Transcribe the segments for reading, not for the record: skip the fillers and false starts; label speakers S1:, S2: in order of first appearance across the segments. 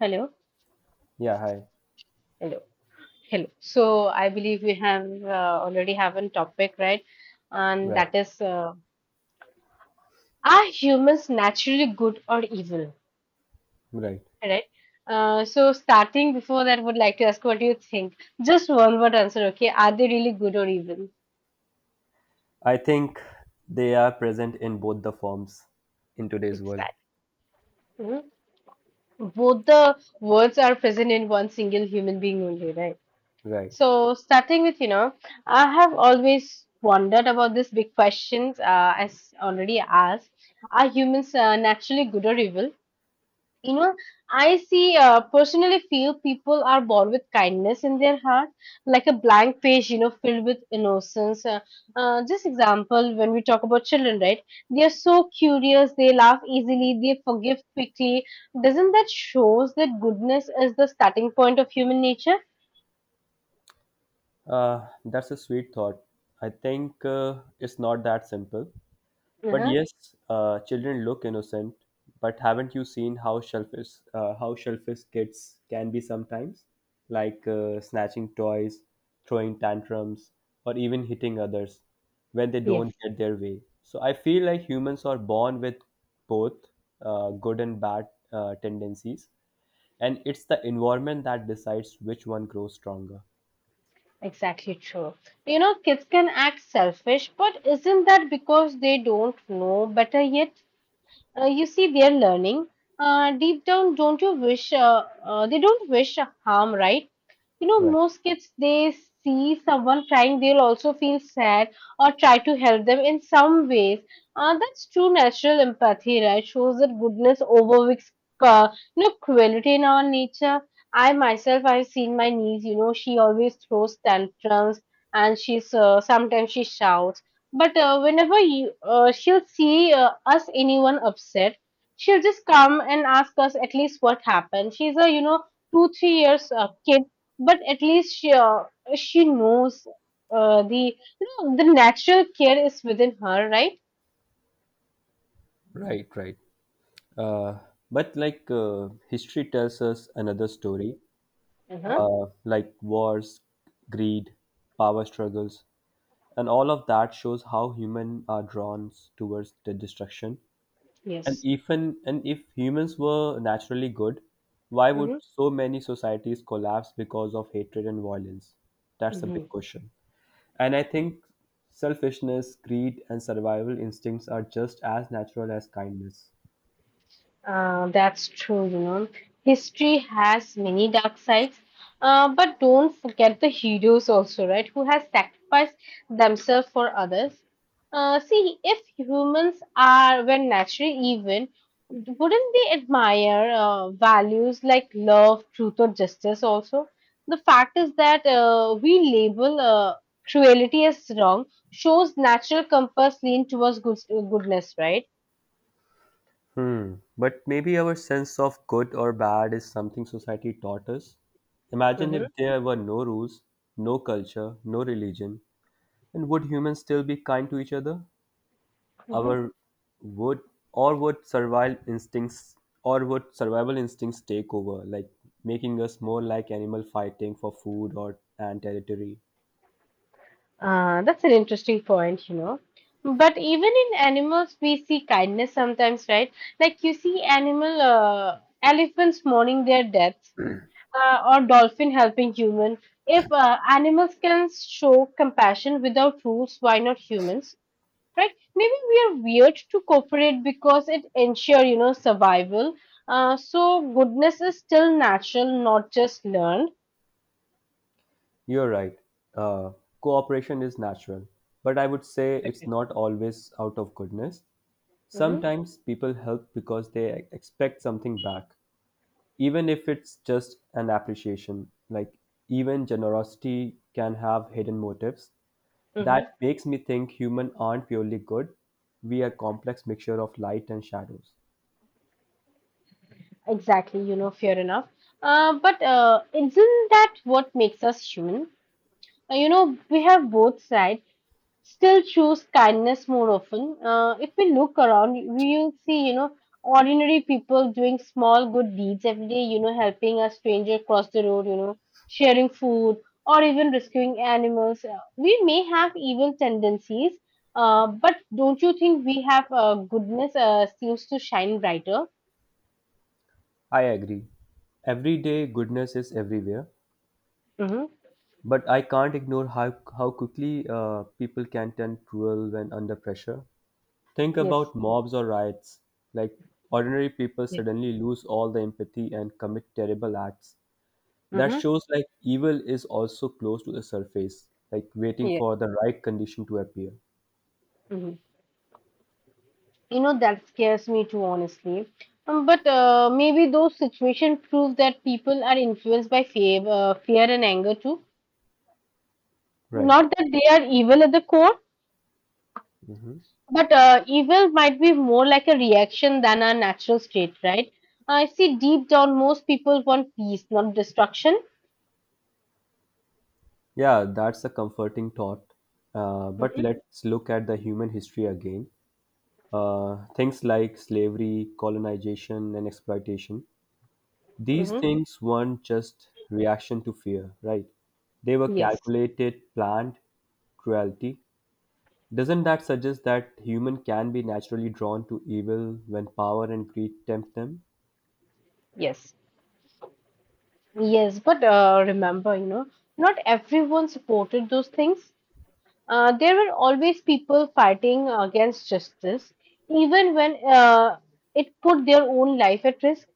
S1: Hello.
S2: Yeah, hi.
S1: Hello. Hello. So I believe we have already have a topic, right? And
S2: Right,
S1: that is, are humans naturally good or evil?
S2: right.
S1: Right? So starting before that, would like to ask, what do you think? Just one word answer, okay? Are they really good or evil?
S2: I think they are present in both the forms in today's world.
S1: Exactly. Mhm. Both the words are present in one single human being only, right?
S2: Right.
S1: So, starting with, I have always wondered about this big questions, as already asked. Are humans naturally good or evil? You know, I see, personally feel people are born with kindness in their heart, like a blank page, filled with innocence. Just example, when we talk about children, right? They are so curious, they laugh easily, they forgive quickly. Doesn't that shows that goodness is the starting point of human nature?
S2: That's a sweet thought. I think it's not that simple. But
S1: Uh-huh.
S2: yes, children look innocent. But haven't you seen how shellfish, kids can be sometimes, like snatching toys, throwing tantrums, or even hitting others when they don't
S1: Yes.
S2: get their way? So I feel like humans are born with both good and bad tendencies, and it's the environment that decides which one grows stronger.
S1: Exactly true. You know, kids can act selfish, but isn't that because they don't know better yet? You see they're learning, deep down don't you wish they don't wish harm, right? You know
S2: Right,
S1: most kids, they see someone crying, they'll also feel sad or try to help them in some ways. That's true natural empathy, right? Shows that goodness overwhelms uh, you know cruelty in our nature. I myself, I've seen my niece, you know, she always throws tantrums, and she's sometimes she shouts, but whenever she'll see us anyone upset, she'll just come and ask us at least what happened. She's a you know 2 3 years kid, but at least she knows uh, the the natural care is within her, right?
S2: right. Uh, but like history tells us another story.
S1: Uh-huh.
S2: Like wars, greed, power struggles, and all of that shows how humans are drawn towards the destruction. And
S1: Yes.
S2: even and if humans were naturally good, why would so many societies collapse because of hatred and violence? That's a
S1: Mm-hmm.
S2: big question. And I think selfishness, greed, and survival instincts are just as natural as kindness.
S1: That's true, you know. History has many dark sides, but don't forget the heroes also, right? Who has sacrificed themselves for others. See, if humans are were naturally even, wouldn't they admire values like love, truth, or justice also? The fact is that we label cruelty as wrong shows natural compass lean towards goodness, right?
S2: Hmm. But maybe our sense of good or bad is something society taught us. Imagine if there were no rules, no culture, no religion, and would humans still be kind to each other?
S1: Mm-hmm.
S2: Our would or would survival instincts or would survival instincts take over, like making us more like animal fighting for food or and territory?
S1: That's an interesting point, you know. But even in animals, we see kindness sometimes, right? Like you see animal elephants mourning their deaths, or dolphin helping human. If animals can show compassion without rules, why not humans, right? Maybe we are weird to cooperate because it ensure, you know, survival. So goodness is still natural, not just learned.
S2: You're right. Uh, Cooperation is natural, but I would say it's not always out of goodness.
S1: Mm-hmm.
S2: Sometimes people help because they expect something back, even if it's just an appreciation. Like, even generosity can have hidden motives.
S1: Mm-hmm.
S2: That makes me think humans aren't purely good. We are complex mixture of light and shadows.
S1: Exactly, you know, fair enough. But isn't that what makes us human? You know, we have both sides, still choose kindness more often. If we look around, we'll see, you know, ordinary people doing small good deeds every day, you know, helping a stranger cross the road, you know, sharing food, or even rescuing animals. We may have evil tendencies, but don't you think we have goodness seems to shine brighter?
S2: I agree. Everyday goodness is everywhere,
S1: Mm-hmm.
S2: but I can't ignore how quickly people can turn cruel when under pressure. Think
S1: Yes.
S2: about mobs or riots. Like ordinary people suddenly lose all the empathy and commit terrible acts. That
S1: Mm-hmm.
S2: shows like evil is also close to the surface, like waiting
S1: Yeah.
S2: for the right condition to appear.
S1: Mm-hmm. You know, that scares me too, honestly. But maybe those situations prove that people are influenced by fear and anger too.
S2: Right.
S1: Not that they are evil at the core, but evil might be more like a reaction than a natural state, right? I see deep down most people want peace, not destruction.
S2: Yeah, that's a comforting thought. But
S1: Mm-hmm.
S2: let's look at the human history again. Things like slavery, colonization, and exploitation. These
S1: Mm-hmm.
S2: things weren't just reaction to fear, right? They were
S1: Yes.
S2: calculated, planned cruelty. Doesn't that suggest that human can be naturally drawn to evil when power and greed tempt them?
S1: Yes. Yes, but remember, you know, not everyone supported those things. There were always people fighting against justice, even when it put their own life at risk.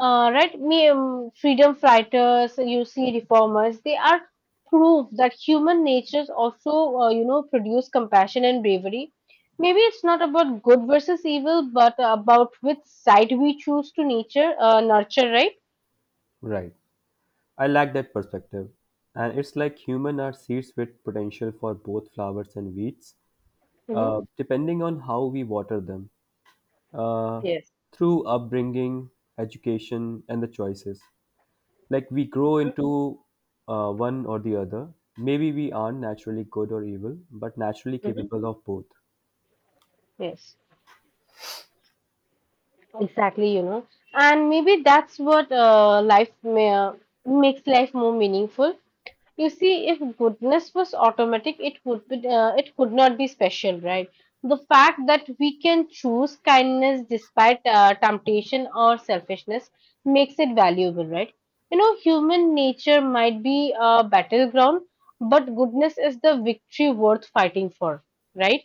S1: Right? Freedom fighters, you see reformers, they are proof that human natures also, you know, produce compassion and bravery. Maybe it's not about good versus evil, but about which side we choose to nurture, right?
S2: Right. I like that perspective. And it's like human are seeds with potential for both flowers and weeds,
S1: Hmm.
S2: depending on how we water them, uh,
S1: Yes.
S2: through upbringing, education, and the choices. Like we grow into one or the other. Maybe we aren't naturally good or evil, but naturally
S1: Hmm.
S2: capable of both.
S1: Yes. Exactly, you know, and maybe that's what makes life more meaningful. You see, if goodness was automatic, it would be, it could not be special, right? The fact that we can choose kindness despite temptation or selfishness makes it valuable, right? You know, human nature might be a battleground, but goodness is the victory worth fighting for, right?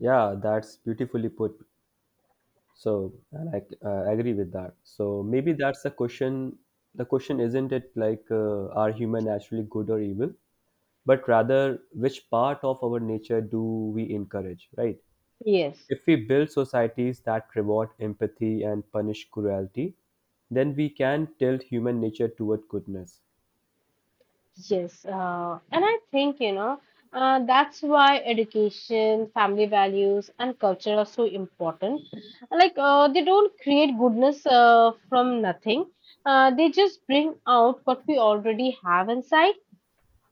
S2: Yeah, that's beautifully put. So, and I agree with that. So maybe that's the question. The question isn't it like are human naturally good or evil, but rather which part of our nature do we encourage, right?
S1: Yes.
S2: If we build societies that reward empathy and punish cruelty, then we can tilt human nature toward goodness.
S1: Yes, and I think, you know, that's why education, family values, and culture are so important. Like, they don't create goodness from nothing, they just bring out what we already have inside.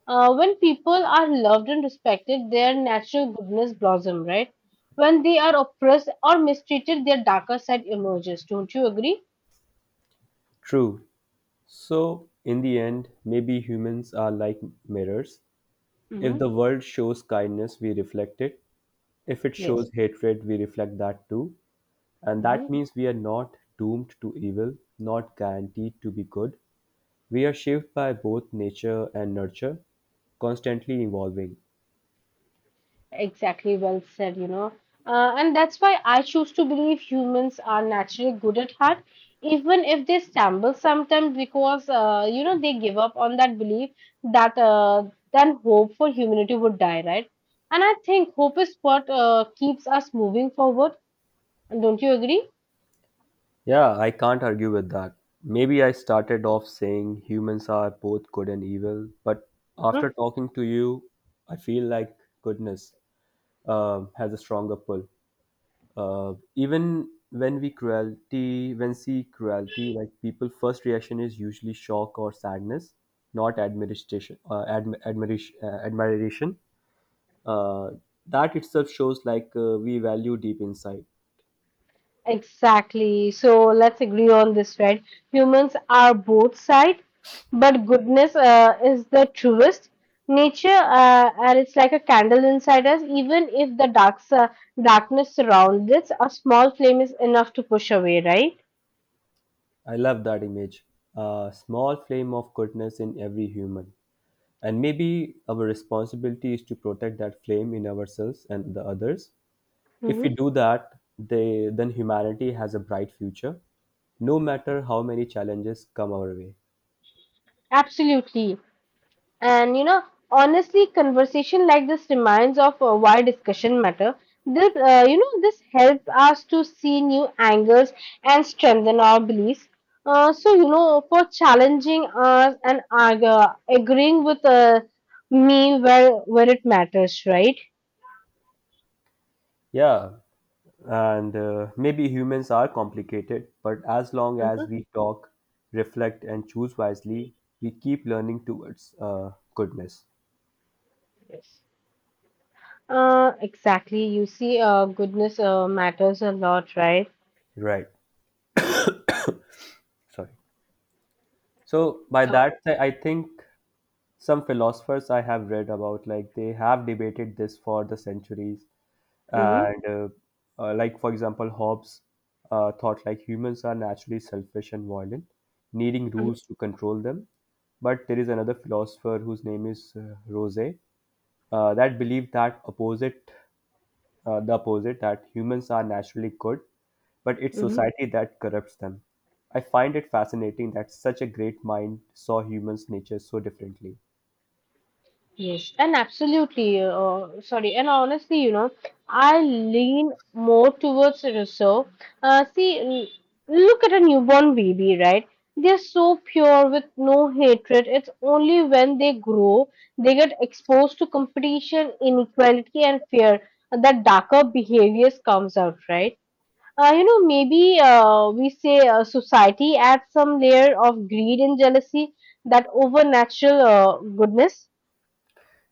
S1: When people are loved and respected, their natural goodness blossoms, right? When they are oppressed or mistreated, their darker side emerges. Don't you agree?
S2: True. So, in the end, maybe humans are like mirrors. If
S1: Hmm.
S2: the world shows kindness, we reflect it. If it
S1: Yes.
S2: shows hatred, we reflect that too. And that means we are not doomed to evil, not guaranteed to be good. We are shaped by both nature and nurture, constantly evolving.
S1: Exactly, well said, you know. And that's why I choose to believe humans are naturally good at heart, even if they stumble sometimes because, you know, they give up on that belief that then hope for humanity would die, right? And I think hope is what keeps us moving forward. And don't you agree?
S2: Yeah, I can't argue with that. Maybe I started off saying humans are both good and evil, but after talking to you, I feel like goodness has a stronger pull. Even when we cruelty, when see cruelty, like people first reaction is usually shock or sadness, not admiration. Admiration. Uh, that itself shows like we value deep inside.
S1: Exactly. So let's agree on this, right? Humans are both sides, but goodness is the truest. Nature, and it's like a candle inside us. Even if the darkness surrounds us, a small flame is enough to push away, right?
S2: I love that image. A small flame of goodness in every human. And maybe our responsibility is to protect that flame in ourselves and the others. If
S1: Hmm.
S2: we do that, then humanity has a bright future, no matter how many challenges come our way.
S1: Absolutely. And you know, honestly, conversation like this reminds of why discussion matter. You know, this helps us to see new angles and strengthen our beliefs. So you know, for challenging us and agreeing with me where it matters, right?
S2: Yeah, and maybe humans are complicated, but as long as
S1: Hmm.
S2: we talk, reflect, and choose wisely, we keep learning towards goodness.
S1: Yes. Exactly. You see, goodness matters a lot, right?
S2: Right. Sorry. So by that,
S1: So,
S2: I think some philosophers I have read about, like they have debated this for the centuries,
S1: mm-hmm,
S2: and like for example, Hobbes thought like humans are naturally selfish and violent, needing
S1: mhm,
S2: rules to control them. But there is another philosopher whose name is Rose that believed that opposite the opposite, that humans are naturally good, but it's
S1: mm-hmm.
S2: society that corrupts them. I find it fascinating that such a great mind saw humans' nature so differently.
S1: Yes, and absolutely. Sorry, and honestly, you know, I lean more towards Rousseau. Uh, see, l- Look at a newborn baby, right? They're so pure with no hatred. It's only when they grow, they get exposed to competition, inequality, and fear that darker behaviors comes out, right? You know, maybe we say society adds some layer of greed and jealousy that over natural goodness.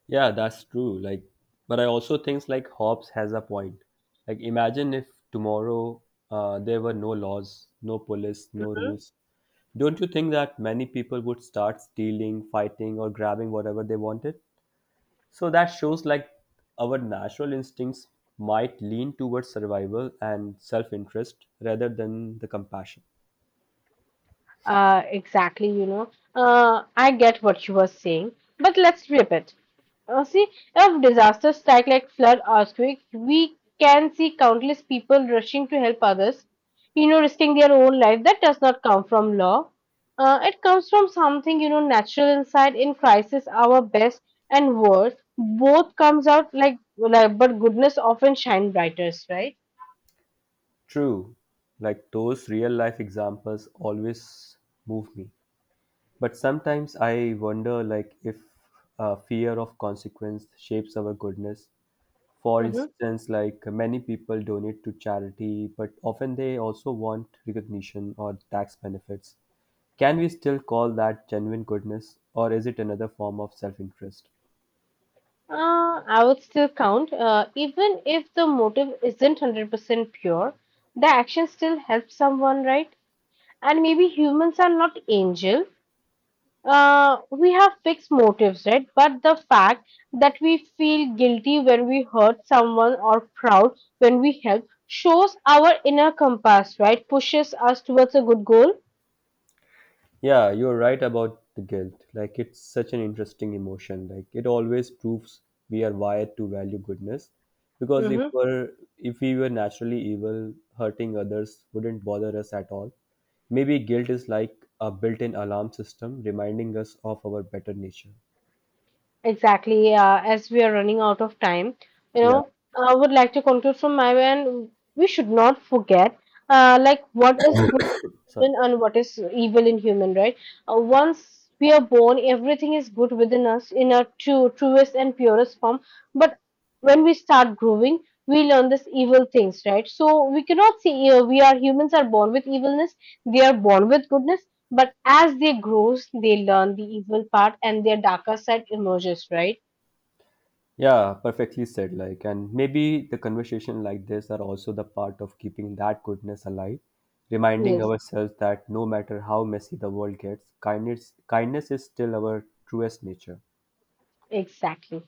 S2: Yeah, that's true. Like, but I also think like Hobbes has a point. Like, imagine if tomorrow there were no laws, no police, no rules. Don't you think that many people would start stealing, fighting, or grabbing whatever they wanted? So that shows like our natural instincts might lean towards survival and self-interest rather than the compassion.
S1: Exactly, you know. I get what you were saying, but let's flip it. See, if disasters strike like flood, earthquake, we can see countless people rushing to help others, you know, risking their own life. That does not come from law. It comes from something, you know, natural inside. In crisis, our best and worst both comes out but goodness often shine brightest, right?
S2: True, like those real life examples always move me. But sometimes I wonder, like, if fear of consequence shapes our goodness. For
S1: Mm-hmm.
S2: instance, like many people donate to charity, but often they also want recognition or tax benefits. Can we still call that genuine goodness, or is it another form of self interest?
S1: I would still count. Even if the motive isn't 100% pure, the action still helps someone, right? And maybe humans are not angel. We have fixed motives, right? But the fact that we feel guilty when we hurt someone or proud when we help shows our inner compass, right? Pushes us towards a good goal.
S2: Yeah, you're right about the guilt. Like, it's such an interesting emotion. Like, it always proves we are wired to value goodness. Because
S1: Mm-hmm.
S2: if we were naturally evil, hurting others wouldn't bother us at all. Maybe guilt is like a built-in alarm system reminding us of our better nature.
S1: Exactly. As we are running out of time, you
S2: Yeah.
S1: know, I would like to conclude from my end. We should not forget, like what is good in
S2: Sorry.
S1: human and what is evil in human, right? Once we are born, everything is good within us in our truest and purest form. But when we start growing, we learn this evil things, right? So we cannot see. We are Humans are born with evilness, they are born with goodness, but as they grow, they learn the evil part and their darker side emerges, right?
S2: Yeah, perfectly said. Like, and maybe the conversation like this are also the part of keeping that goodness alive, reminding
S1: Yes,
S2: ourselves that no matter how messy the world gets, kindness is still our truest nature.
S1: exactly.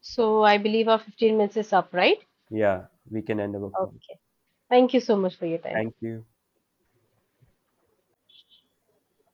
S1: So I believe our 15 minutes is up, right?
S2: Yeah, we can end our call.
S1: Okay. Thank you so much for your time.
S2: Thank you.